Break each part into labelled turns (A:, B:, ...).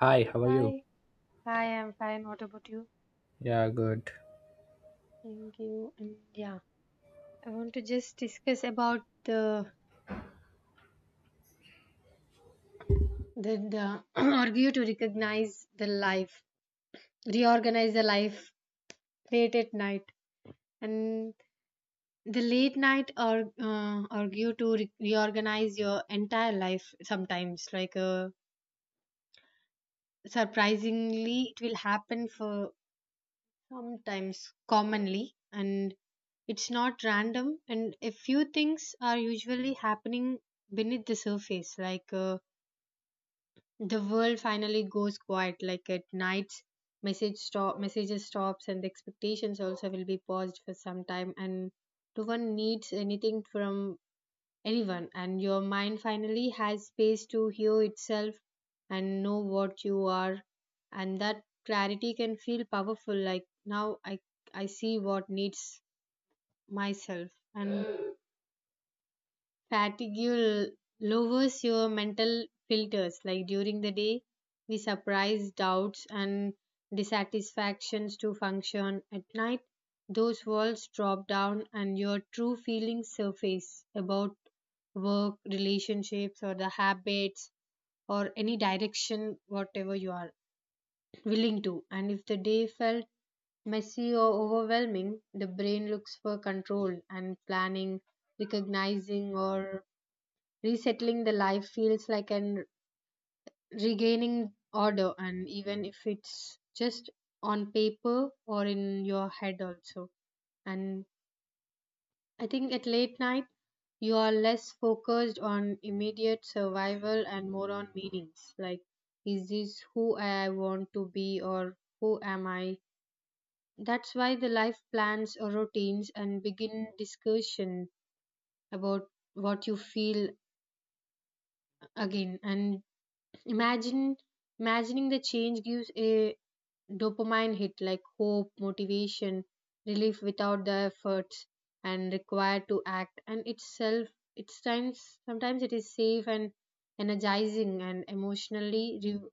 A: Hi, how are you?
B: Hi, hi, I'm fine. What about you?
A: Yeah, good.
B: Thank you. And yeah, I want to just discuss about the argue to recognize the life, reorganize the life late at night, and the late night or argue to reorganize your entire life. Sometimes, like surprisingly, it will happen for sometimes commonly, and it's not random, and a few things are usually happening beneath the surface, like the world finally goes quiet, like at nights messages stops, and the expectations also will be paused for some time, and no one needs anything from anyone, and your mind finally has space to hear itself and know what you are. And that clarity can feel powerful. Like, now I see what needs myself. And fatigue lowers your mental filters. Like, during the day, we suppress doubts and dissatisfactions to function. At night, those walls drop down and your true feelings surface about work, relationships, or the habits, or any direction, whatever you are willing to. And if the day felt messy or overwhelming, the brain looks for control and planning, recognizing, or resettling the life feels like an regaining order, and even if it's just on paper or in your head, also. And I think at late night, you are less focused on immediate survival and more on meanings. Like, is this who I want to be, or who am I? That's why the life plans or routines and begin discussion about what you feel again. And Imagine imagining the change gives a dopamine hit, like hope, motivation, relief without the efforts and required to act. And itself it's times, sometimes it is safe and energizing and emotionally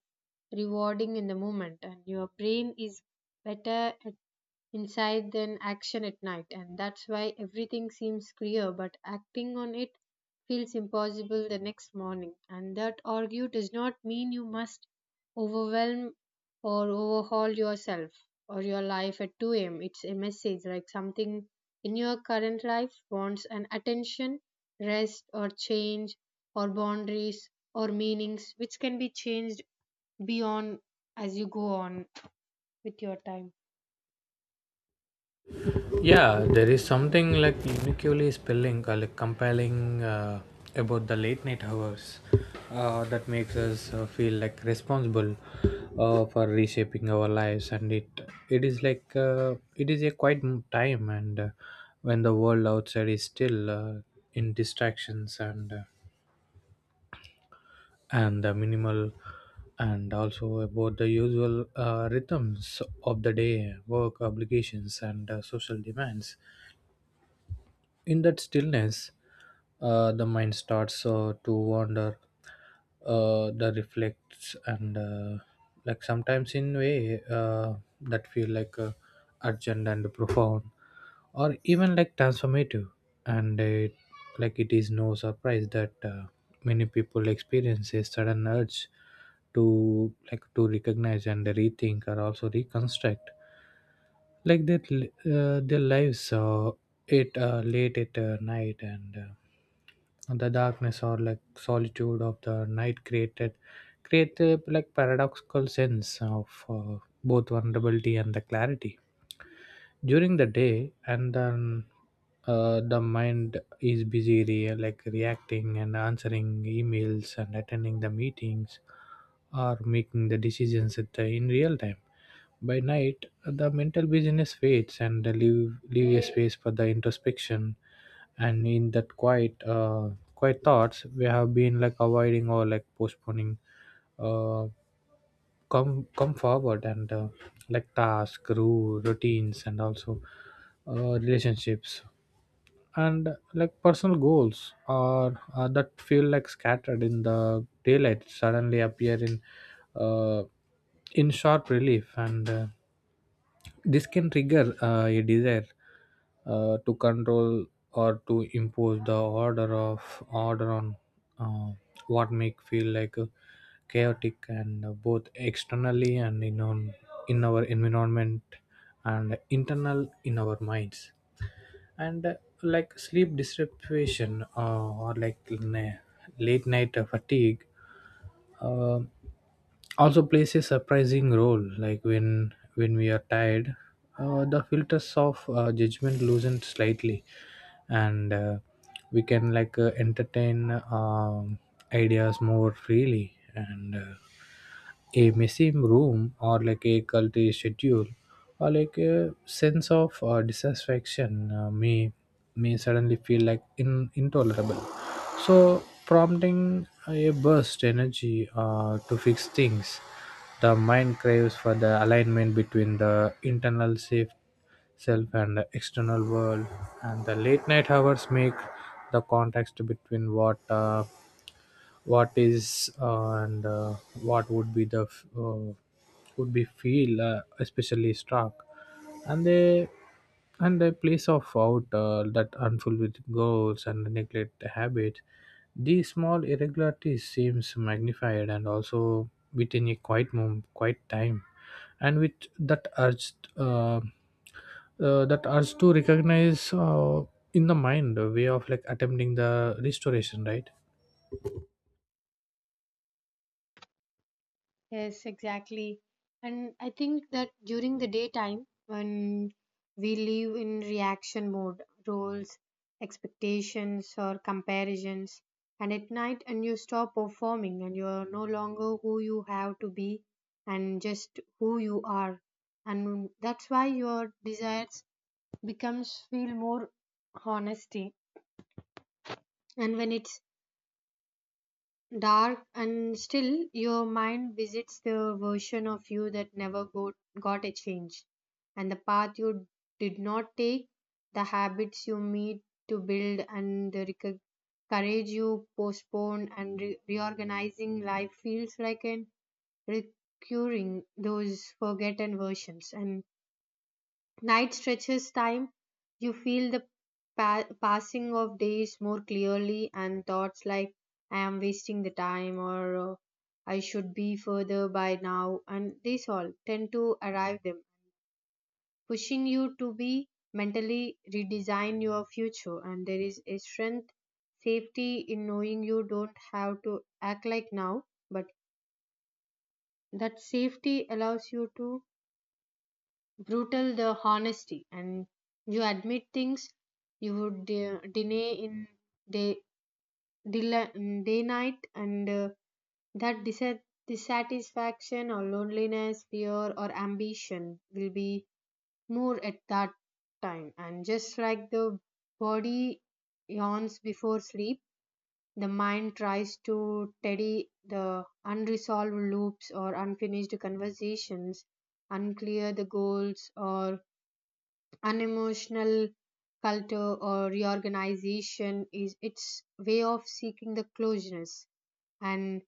B: rewarding in the moment, and your brain is better inside than action at night, and that's why everything seems clear, but acting on it feels impossible the next morning. And that argue does not mean you must overwhelm or overhaul yourself or your life at 2 a.m. It's a message, like something in your current life wants an attention, rest, or change, or boundaries, or meanings, which can be changed beyond as you go on with your time.
A: Yeah, there is something like uniquely spelling, like compelling about the late night hours that makes us feel like responsible for reshaping our lives, and it is like it is a quiet time, and when the world outside is still in distractions and the minimal and also about the usual rhythms of the day, work obligations and social demands. In that stillness the mind starts to wander the reflects and like sometimes in way that feel like urgent and profound or even like transformative, and it, like it is no surprise that many people experience a sudden urge to like to recognize and rethink or also reconstruct like that their lives it late at night, and the darkness or like solitude of the night create a like paradoxical sense of both vulnerability and the clarity during the day. And then the mind is busy like reacting and answering emails and attending the meetings or making the decisions at the, in real time. By night the mental busyness fades and leave a space for the introspection, and in that quiet quiet thoughts we have been like avoiding or like postponing uh, come forward and like task rule routines and also relationships and like personal goals are that feel like scattered in the daylight suddenly appear uh, in sharp relief and this can trigger a desire to control or to impose the order on uh, what make feel like chaotic and both externally and in on in our environment and internal in our minds and like sleep deprivation or like late night fatigue uh, also plays a surprising role like when we are tired the filters of judgment loosen slightly and we can like entertain ideas more freely and a messy room or like a culty schedule or like a sense of dissatisfaction may suddenly feel like in, intolerable, so prompting a burst energy to fix things. The mind craves for the alignment between the internal self and the external world, and the late night hours make the context between what is and what would be the would be feel especially struck, and they and they place off out that unfulfilled goals and neglect habits. These small irregularities seems magnified and also within a quiet moment quiet time, and with that urge to recognize in the mind a way of like attempting the restoration, right?
B: Yes, exactly. And I think that during the daytime, when we live in reaction mode, roles, expectations, or comparisons, and at night, and you stop performing, and you are no longer who you have to be, and just who you are, and that's why your desires becomes feel more honesty. And when it's dark and still, your mind visits the version of you that never got a change, and the path you did not take, the habits you meet to build, and the courage you postpone, and reorganizing life feels like an recurring those forgotten versions. And night stretches time. You feel the passing of days more clearly, and thoughts like I am wasting the time, or I should be further by now, and this all tend to arrive them, pushing you to be mentally redesign your future. And there is a strength, safety in knowing you don't have to act like now, but that safety allows you to brutal the honesty, and you admit things you would deny in day del- day night, and that dissatisfaction or loneliness, fear, or ambition will be more at that time. And just like the body yawns before sleep, the mind tries to tidy the unresolved loops or unfinished conversations, unclear the goals, or unemotional culture, or reorganization is its way of seeking the closeness. And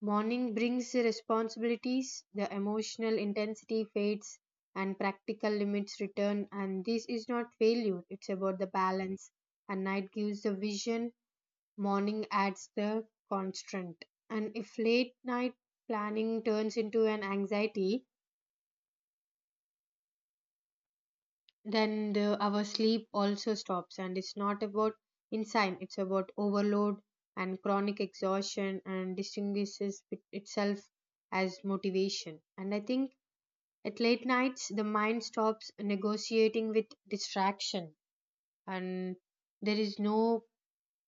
B: morning brings the responsibilities, the emotional intensity fades, and practical limits return. And this is not failure, it's about the balance. And night gives the vision, morning adds the constraint. And if late night planning turns into an anxiety, then our sleep also stops, and it's not about insane, it's about overload and chronic exhaustion, and distinguishes itself as motivation. And I think at late nights the mind stops negotiating with distraction, and there is no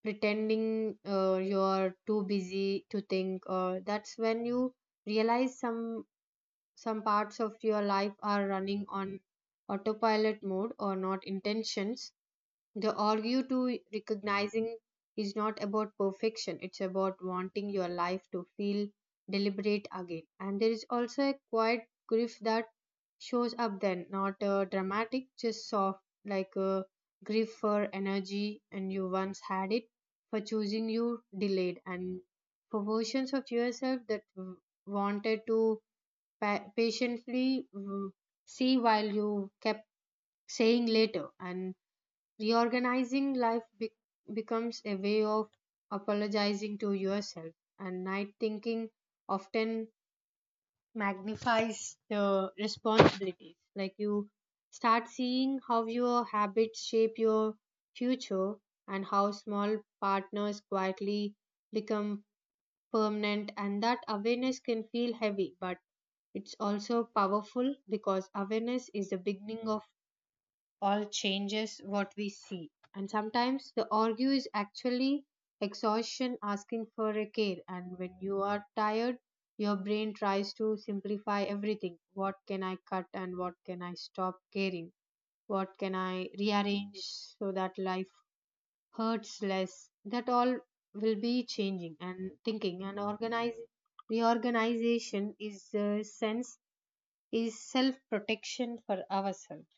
B: pretending you're too busy to think, or that's when you realize some parts of your life are running on autopilot mode or not intentions. The argue to recognizing is not about perfection, it's about wanting your life to feel deliberate again. And there is also a quiet grief that shows up then, not dramatic, just soft, like a grief for energy, and you once had it, for choosing you delayed, and for versions of yourself that wanted to patiently see while you kept saying later. And reorganizing life becomes a way of apologizing to yourself. And night thinking often magnifies the responsibilities. Like, you start seeing how your habits shape your future, and how small partners quietly become permanent, and that awareness can feel heavy, but it's also powerful, because awareness is the beginning of or changes what we see. And sometimes the argue is actually exhaustion asking for a care. And when you are tired, your brain tries to simplify everything. What can I cut, and what can I stop caring? What can I rearrange so that life hurts less? That all will be changing and thinking and organizing. Reorganization is a sense, is self protection for ourselves.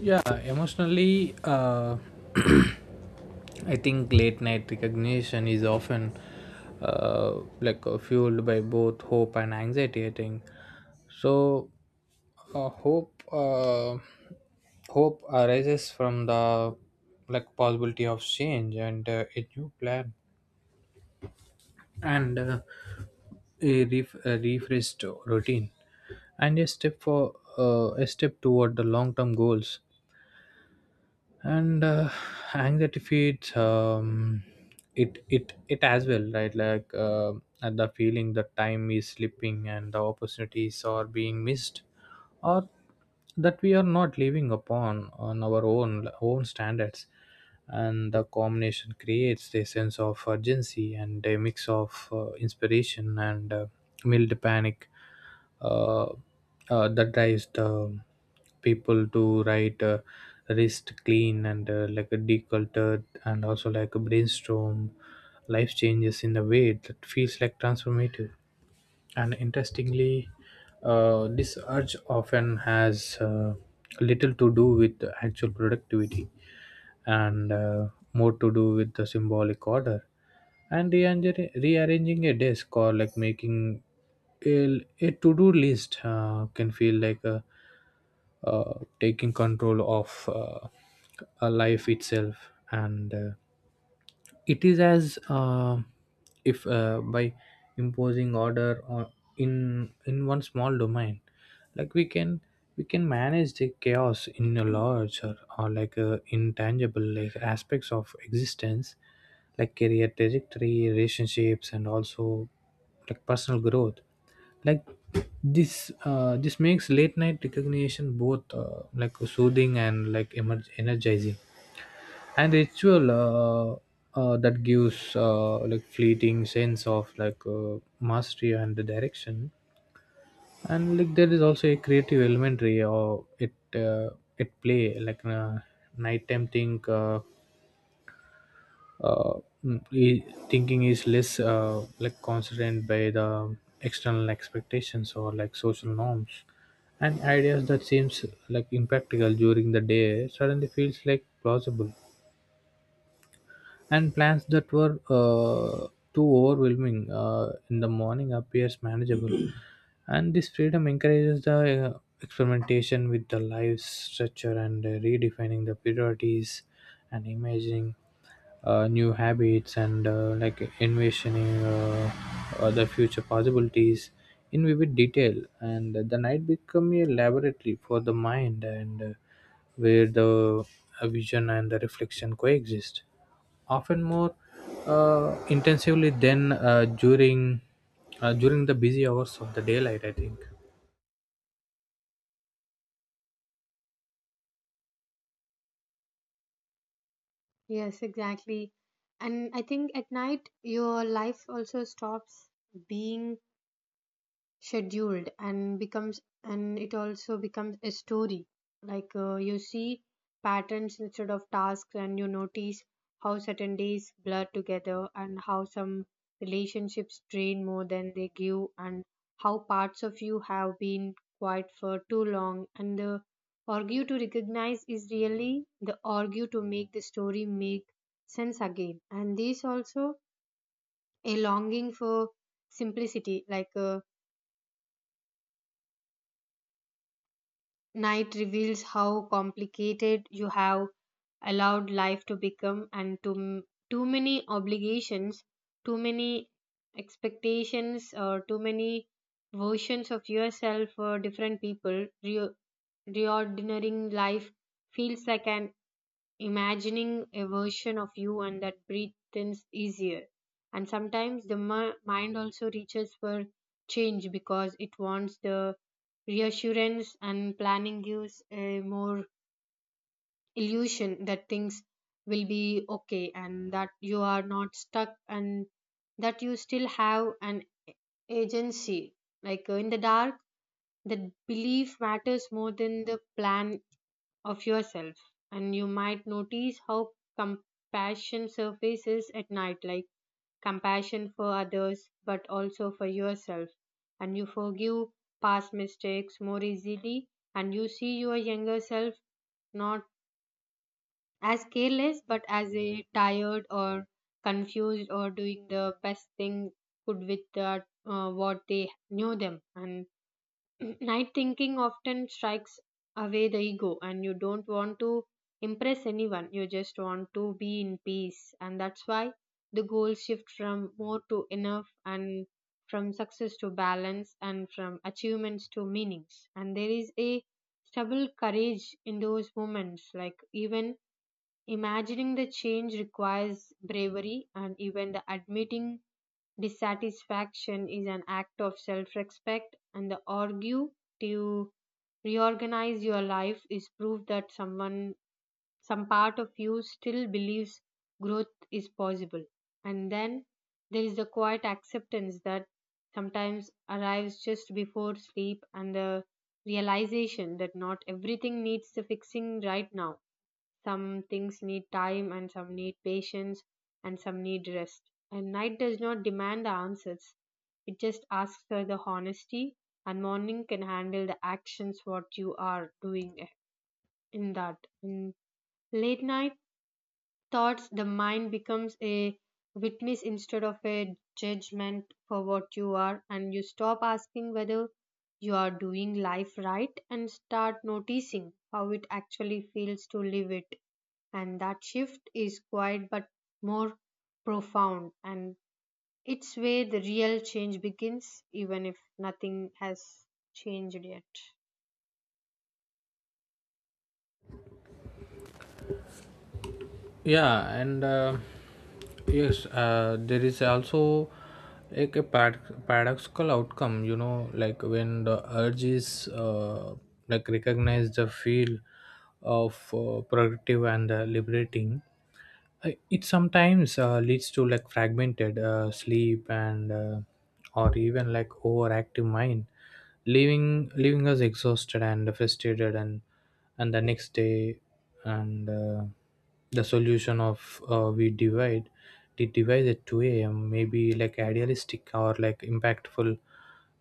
A: Yeah, emotionally, I think late night recognition is often like fueled by both hope and anxiety. I think so. Uh, hope, uh, hope arises from the like possibility of change and a new plan and a, a refreshed routine and a step for a step toward the long-term goals and anxiety feeds it as well right like and the feeling that time is slipping and the opportunities are being missed, or that we are not living upon on our own standards, and the combination creates a sense of urgency and a mix of inspiration and mild panic uh, that drives the people to write wrist clean and like a decultured and also like a brainstorm life changes in a way that feels like transformative, and interestingly this urge often has little to do with the actual productivity and more to do with the symbolic order and rearranging a desk or like making a to-do list can feel like a, taking control of a life itself and it is as if by imposing order on in one small domain, like we can manage the chaos in a larger or like intangible like aspects of existence like career trajectory, relationships, and also like personal growth. Like this this makes late night recognition both like soothing and like energizing, and ritual that gives like fleeting sense of like mastery and the direction, and like there is also a creative elementary or it it play like nighttime think uh, thinking is less like constrained by the external expectations or like social norms, and ideas that seems like impractical during the day suddenly feels like plausible, and plans that were too overwhelming in the morning appears manageable, and this freedom encourages the experimentation with the life structure and redefining the priorities and imagining new habits and like envisioning other future possibilities in vivid detail, and the night become a laboratory for the mind and where the vision and the reflection coexist often more intensively than during during the busy hours of the daylight, I think.
B: Yes, exactly. And I think at night your life also stops being scheduled and becomes, and it also becomes a story. Like, you see patterns instead of tasks, and you notice how certain days blur together, and how some relationships drain more than they give, and how parts of you have been quiet for too long, and the argue to recognize is really the argue to make the story make sense again. And this also a longing for simplicity. Like night reveals how complicated you have allowed life to become, and too many obligations, too many expectations, or too many versions of yourself for different people. Reordering life feels like an imagining a version of you, and that breathes easier. And sometimes the mind also reaches for change, because it wants the reassurance, and planning gives a more illusion that things will be okay, and that you are not stuck, and that you still have an agency. Like in the dark, the belief matters more than the plan of yourself. And you might notice how compassion surfaces at night, like compassion for others but also for yourself, and you forgive past mistakes more easily, and you see your younger self not as careless but as a tired or confused, or doing the best thing could with that, what they knew them. And night thinking often strikes away the ego, and you don't want to impress anyone. You just want to be in peace, and that's why the goals shift from more to enough, and from success to balance, and from achievements to meanings. And there is a stubble courage in those moments, like even imagining the change requires bravery, and even the admitting dissatisfaction is an act of self respect, and the argue to reorganize your life is proof that some part of you still believes growth is possible. And then there is the quiet acceptance that sometimes arrives just before sleep, and the realization that not everything needs the fixing right now. Some things need time, and some need patience, and some need rest. And night does not demand the answers. It just asks for the honesty, and morning can handle the actions what you are doing in that. In late night thoughts, the mind becomes a witness instead of a judgment for what you are, and you stop asking whether you are doing life right and start noticing how it actually feels to live it. And that shift is quiet but more profound, and it's where the real change begins, even if nothing has changed yet.
A: Yeah and yes there is also a, paradoxical outcome, you know, like when the urge is like recognize the feel of productive and liberating, it sometimes leads to like fragmented sleep and or even like overactive mind, leaving us exhausted and frustrated and the next day and the solution of we divide the device at 2 a.m may be like idealistic or like impactful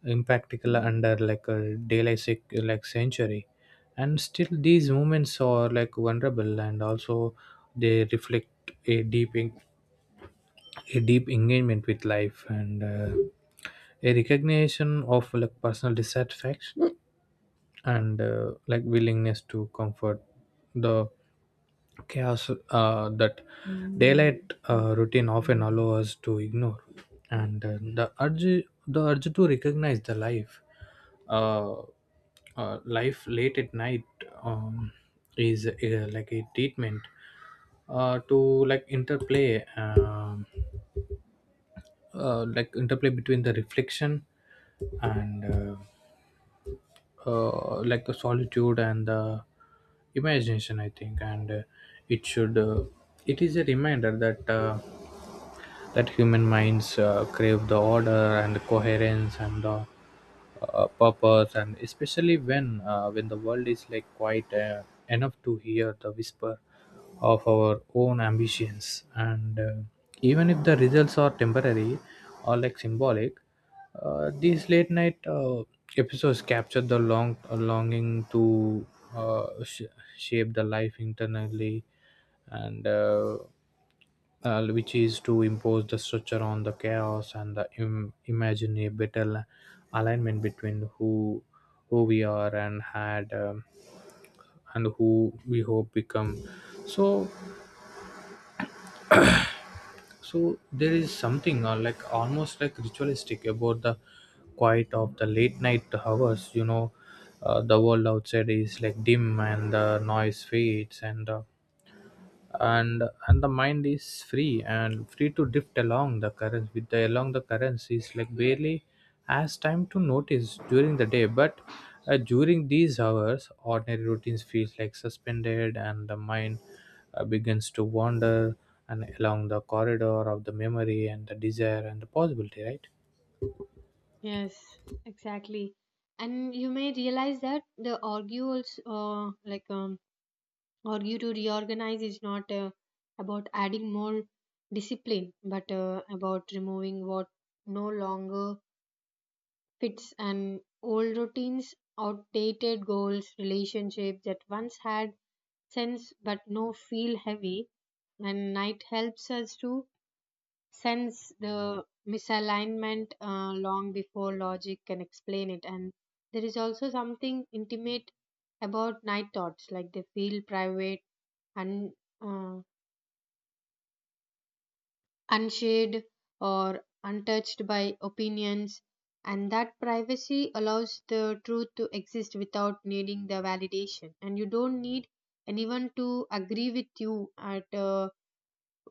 A: impractical under like a daylight like century, and still these moments are like vulnerable and also they reflect a deep a deep engagement with life and a recognition of like personal dissatisfaction and like willingness to comfort the chaos that daylight routine often allow us to ignore and the urge to recognize the life uh, life late at night um, is like a treatment to like interplay um like interplay between the reflection and like the solitude and the imagination, I think, and it should it is a reminder that that human minds crave the order and the coherence and the purpose, and especially when the world is like quite enough to hear the whisper of our own ambitions and even if the results are temporary or like symbolic these late night episodes capture the long longing to uh, sh- shape the life internally and which is to impose the structure on the chaos and the imagine a better alignment between who we are and had and who we hope become, so so there is something like almost like ritualistic about the quiet of the late night hours, you know, the world outside is like dim and the noise fades and the mind is free to drift along the currents with the along the currents is like barely has time to notice during the day, but during these hours ordinary routines feels like suspended, and the mind begins to wander and along the corridor of the memory and the desire and the possibility, right?
B: Yes, exactly. And you may realize that the argue also or you to reorganize is not about adding more discipline but about removing what no longer fits. And old routines, outdated goals, relationships that once had sense but no feel heavy. And night helps us to sense the misalignment long before logic can explain it. And there is also something intimate about night thoughts, like they feel private, un, uh, unshared, or untouched by opinions. And that privacy allows the truth to exist without needing the validation. And you don't need anyone to agree with you at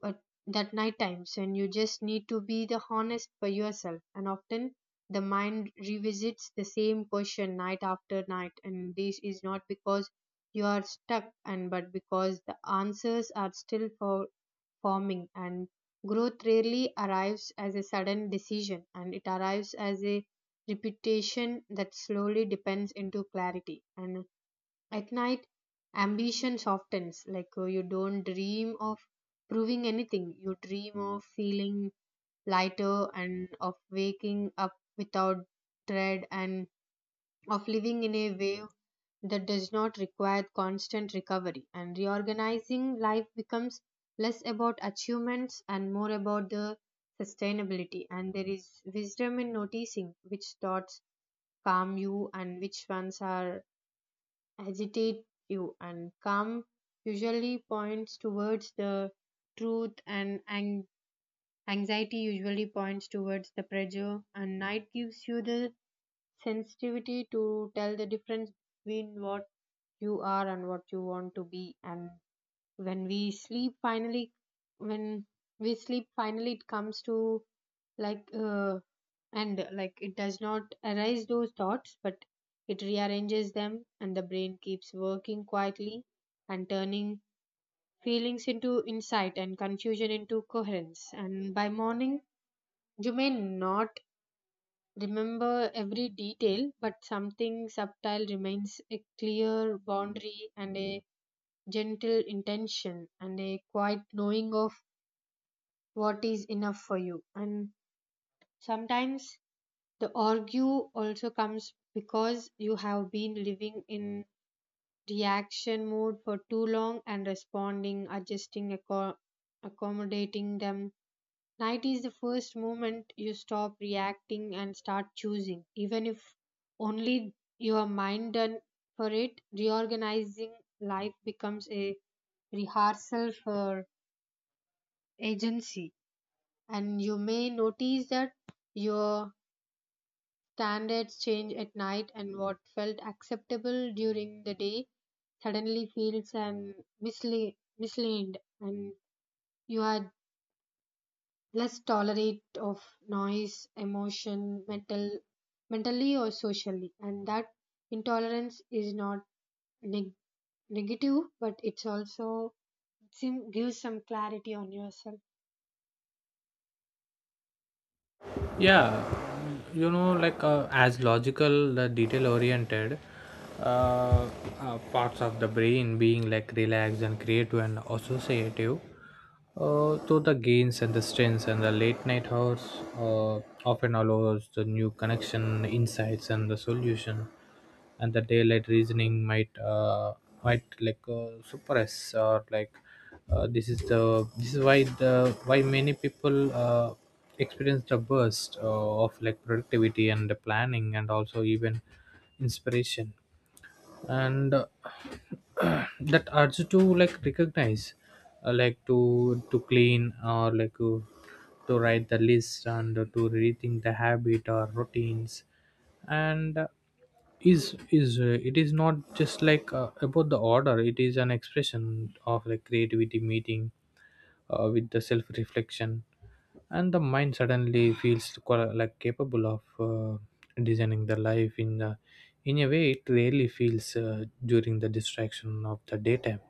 B: uh, that night times, when you just need to be the honest for yourself. And often the mind revisits the same question night after night, and this is not because you are stuck, and but because the answers are still forming, and growth rarely arrives as a sudden decision, and it arrives as a repetition that slowly depends into clarity. And at night, ambition softens. Like you don't dream of proving anything. You dream of feeling lighter and of waking up without dread and of living in a way that does not require constant recovery. And reorganizing life becomes less about achievements and more about the sustainability. And there is wisdom in noticing which thoughts calm you and which ones are agitate you, and calm usually points towards the truth, and anxiety usually points towards the pressure, and night gives you the sensitivity to tell the difference between what you are and what you want to be. And when we sleep finally when we sleep finally it comes to like and like it does not arise those thoughts, but it rearranges them, and the brain keeps working quietly and turning feelings into insight and confusion into coherence. And by morning you may not remember every detail, but something subtle remains: a clear boundary and a gentle intention and a quiet knowing of what is enough for you. And sometimes the argue also comes because you have been living in reaction mode for too long and responding, adjusting, accommodating them. Night is the first moment you stop reacting and start choosing, even if only your mind done for it. Reorganizing life becomes a rehearsal for agency. And you may notice that your standards change at night, and what felt acceptable during the day suddenly feels and misle- misleaned, and you are less tolerant of noise, emotion, mental, mentally or socially, and that intolerance is not neg- negative, but it's also gives some clarity on yourself.
A: Yeah, you know, like as logical the detail oriented uh, parts of the brain being like relaxed and creative and associative so the gains and the strengths and the late night hours often allows the new connection insights and the solution, and the daylight reasoning might like suppress or like this is the this is why the why many people experience the burst of like productivity and the planning and also even inspiration and that urge to like recognize like to clean or like to write the list and to rethink the habit or routines and is it is not just like about the order, it is an expression of like creativity meeting with the self reflection, and the mind suddenly feels like capable of uh, designing the life in a way it rarely feels during the distraction of the daytime,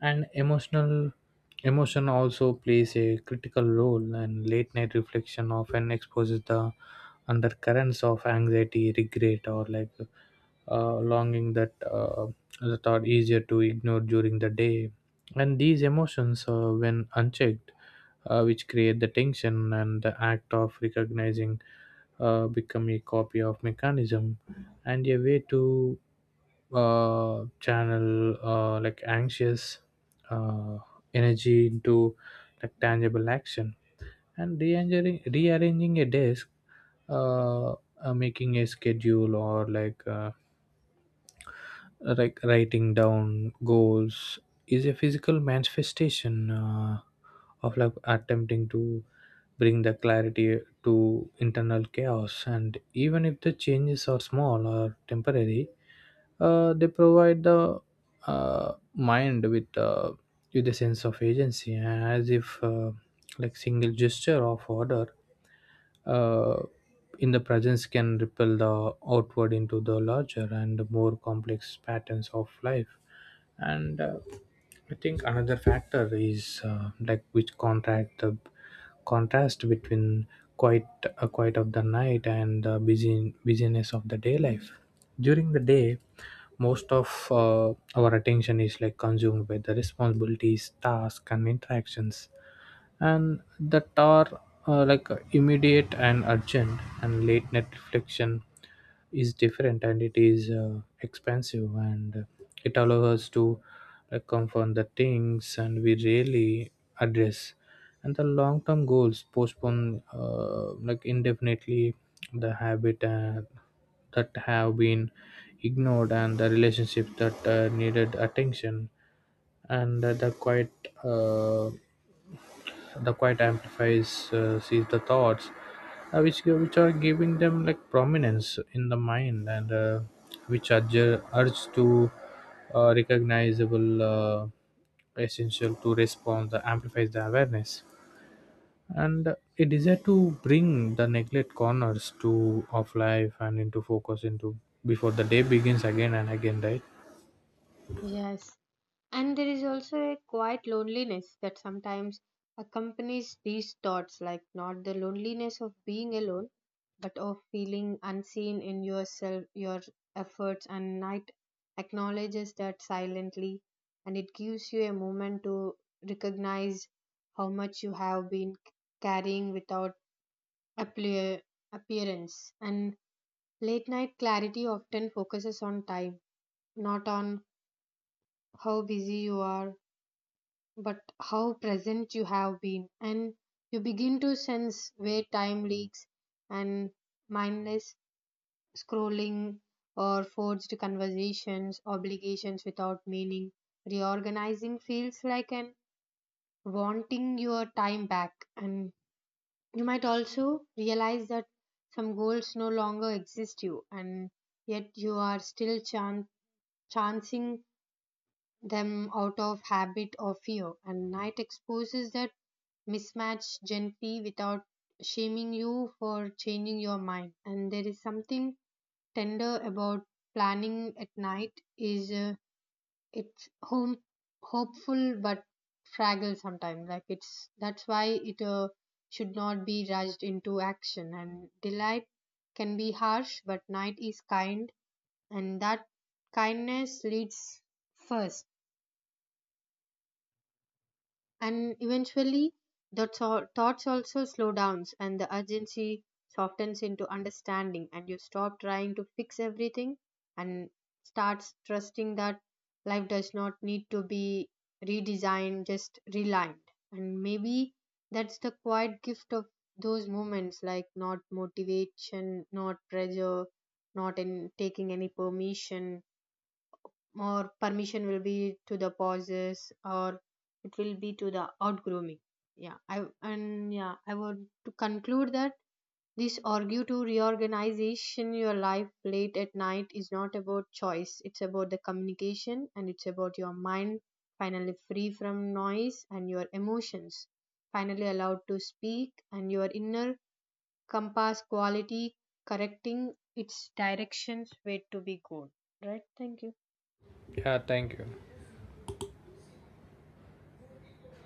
A: and emotion also plays a critical role, and late night reflection often exposes the undercurrents of anxiety, regret, or like longing that that are easier to ignore during the day, and these emotions when unchecked which create the tension, and the act of recognizing become a copy of mechanism and a way to channel like anxious uh, energy into like tangible action, and rearranging a desk uh, making a schedule or like writing down goals is a physical manifestation of like attempting to bring the clarity to internal chaos, and even if the changes are small or temporary they provide the mind with a sense of agency, as if like single gesture of order uh, in the presence can ripple the outward into the larger and more complex patterns of life and I think another factor is like which contract the contrast between quiet quiet of the night and the busyness of the day life. During the day most of our attention is like consumed by the responsibilities, tasks, and interactions, and that are like immediate and urgent, and late night reflection is different, and it is expensive and it allows us to confront the things and we really address, and the long term goals postpone like indefinitely, the habit that have been ignored, and the relationships that needed attention, and uh, the quiet amplifies sees the thoughts which are giving them like prominence in the mind and which are urge to recognizable essential to respond that amplifies the awareness and a desire to bring the neglect corners to of life and into focus into before the day begins again and again, right?
B: Yes. And there is also a quiet loneliness that sometimes accompanies these thoughts, like not the loneliness of being alone, but of feeling unseen in yourself, your efforts, and night acknowledges that silently, and it gives you a moment to recognize how much you have been carrying without appear, appearance. And late night clarity often focuses on time, not on how busy you are but how present you have been, and you begin to sense where time leaks, and mindless scrolling or forged conversations, obligations without meaning, reorganizing feels like an wanting your time back. And you might also realize that some goals no longer exist you, and yet you are still chancing them out of habit or fear, and night exposes that mismatch gently without shaming you for changing your mind. And there is something tender about planning at night. Is it's home hopeful but fragile sometimes. Like it's that's why it should not be rushed into action. And delight can be harsh, but night is kind, and that kindness leads first. And eventually the thoughts also slow down and the urgency softens into understanding, and you stop trying to fix everything and starts trusting that life does not need to be redesigned, just relined. And maybe that's the quiet gift of those moments, like not motivation, not pressure, not in taking any permission, or permission will be to the pauses, or it will be to the out grooming. Yeah, I and yeah I would to conclude that this argue to reorganization your life late at night is not about choice, it's about the communication, and it's about your mind finally free from noise, and your emotions finally allowed to speak, and your inner compass quality correcting its directions way to be good. Right, thank you.
A: Yeah, thank you.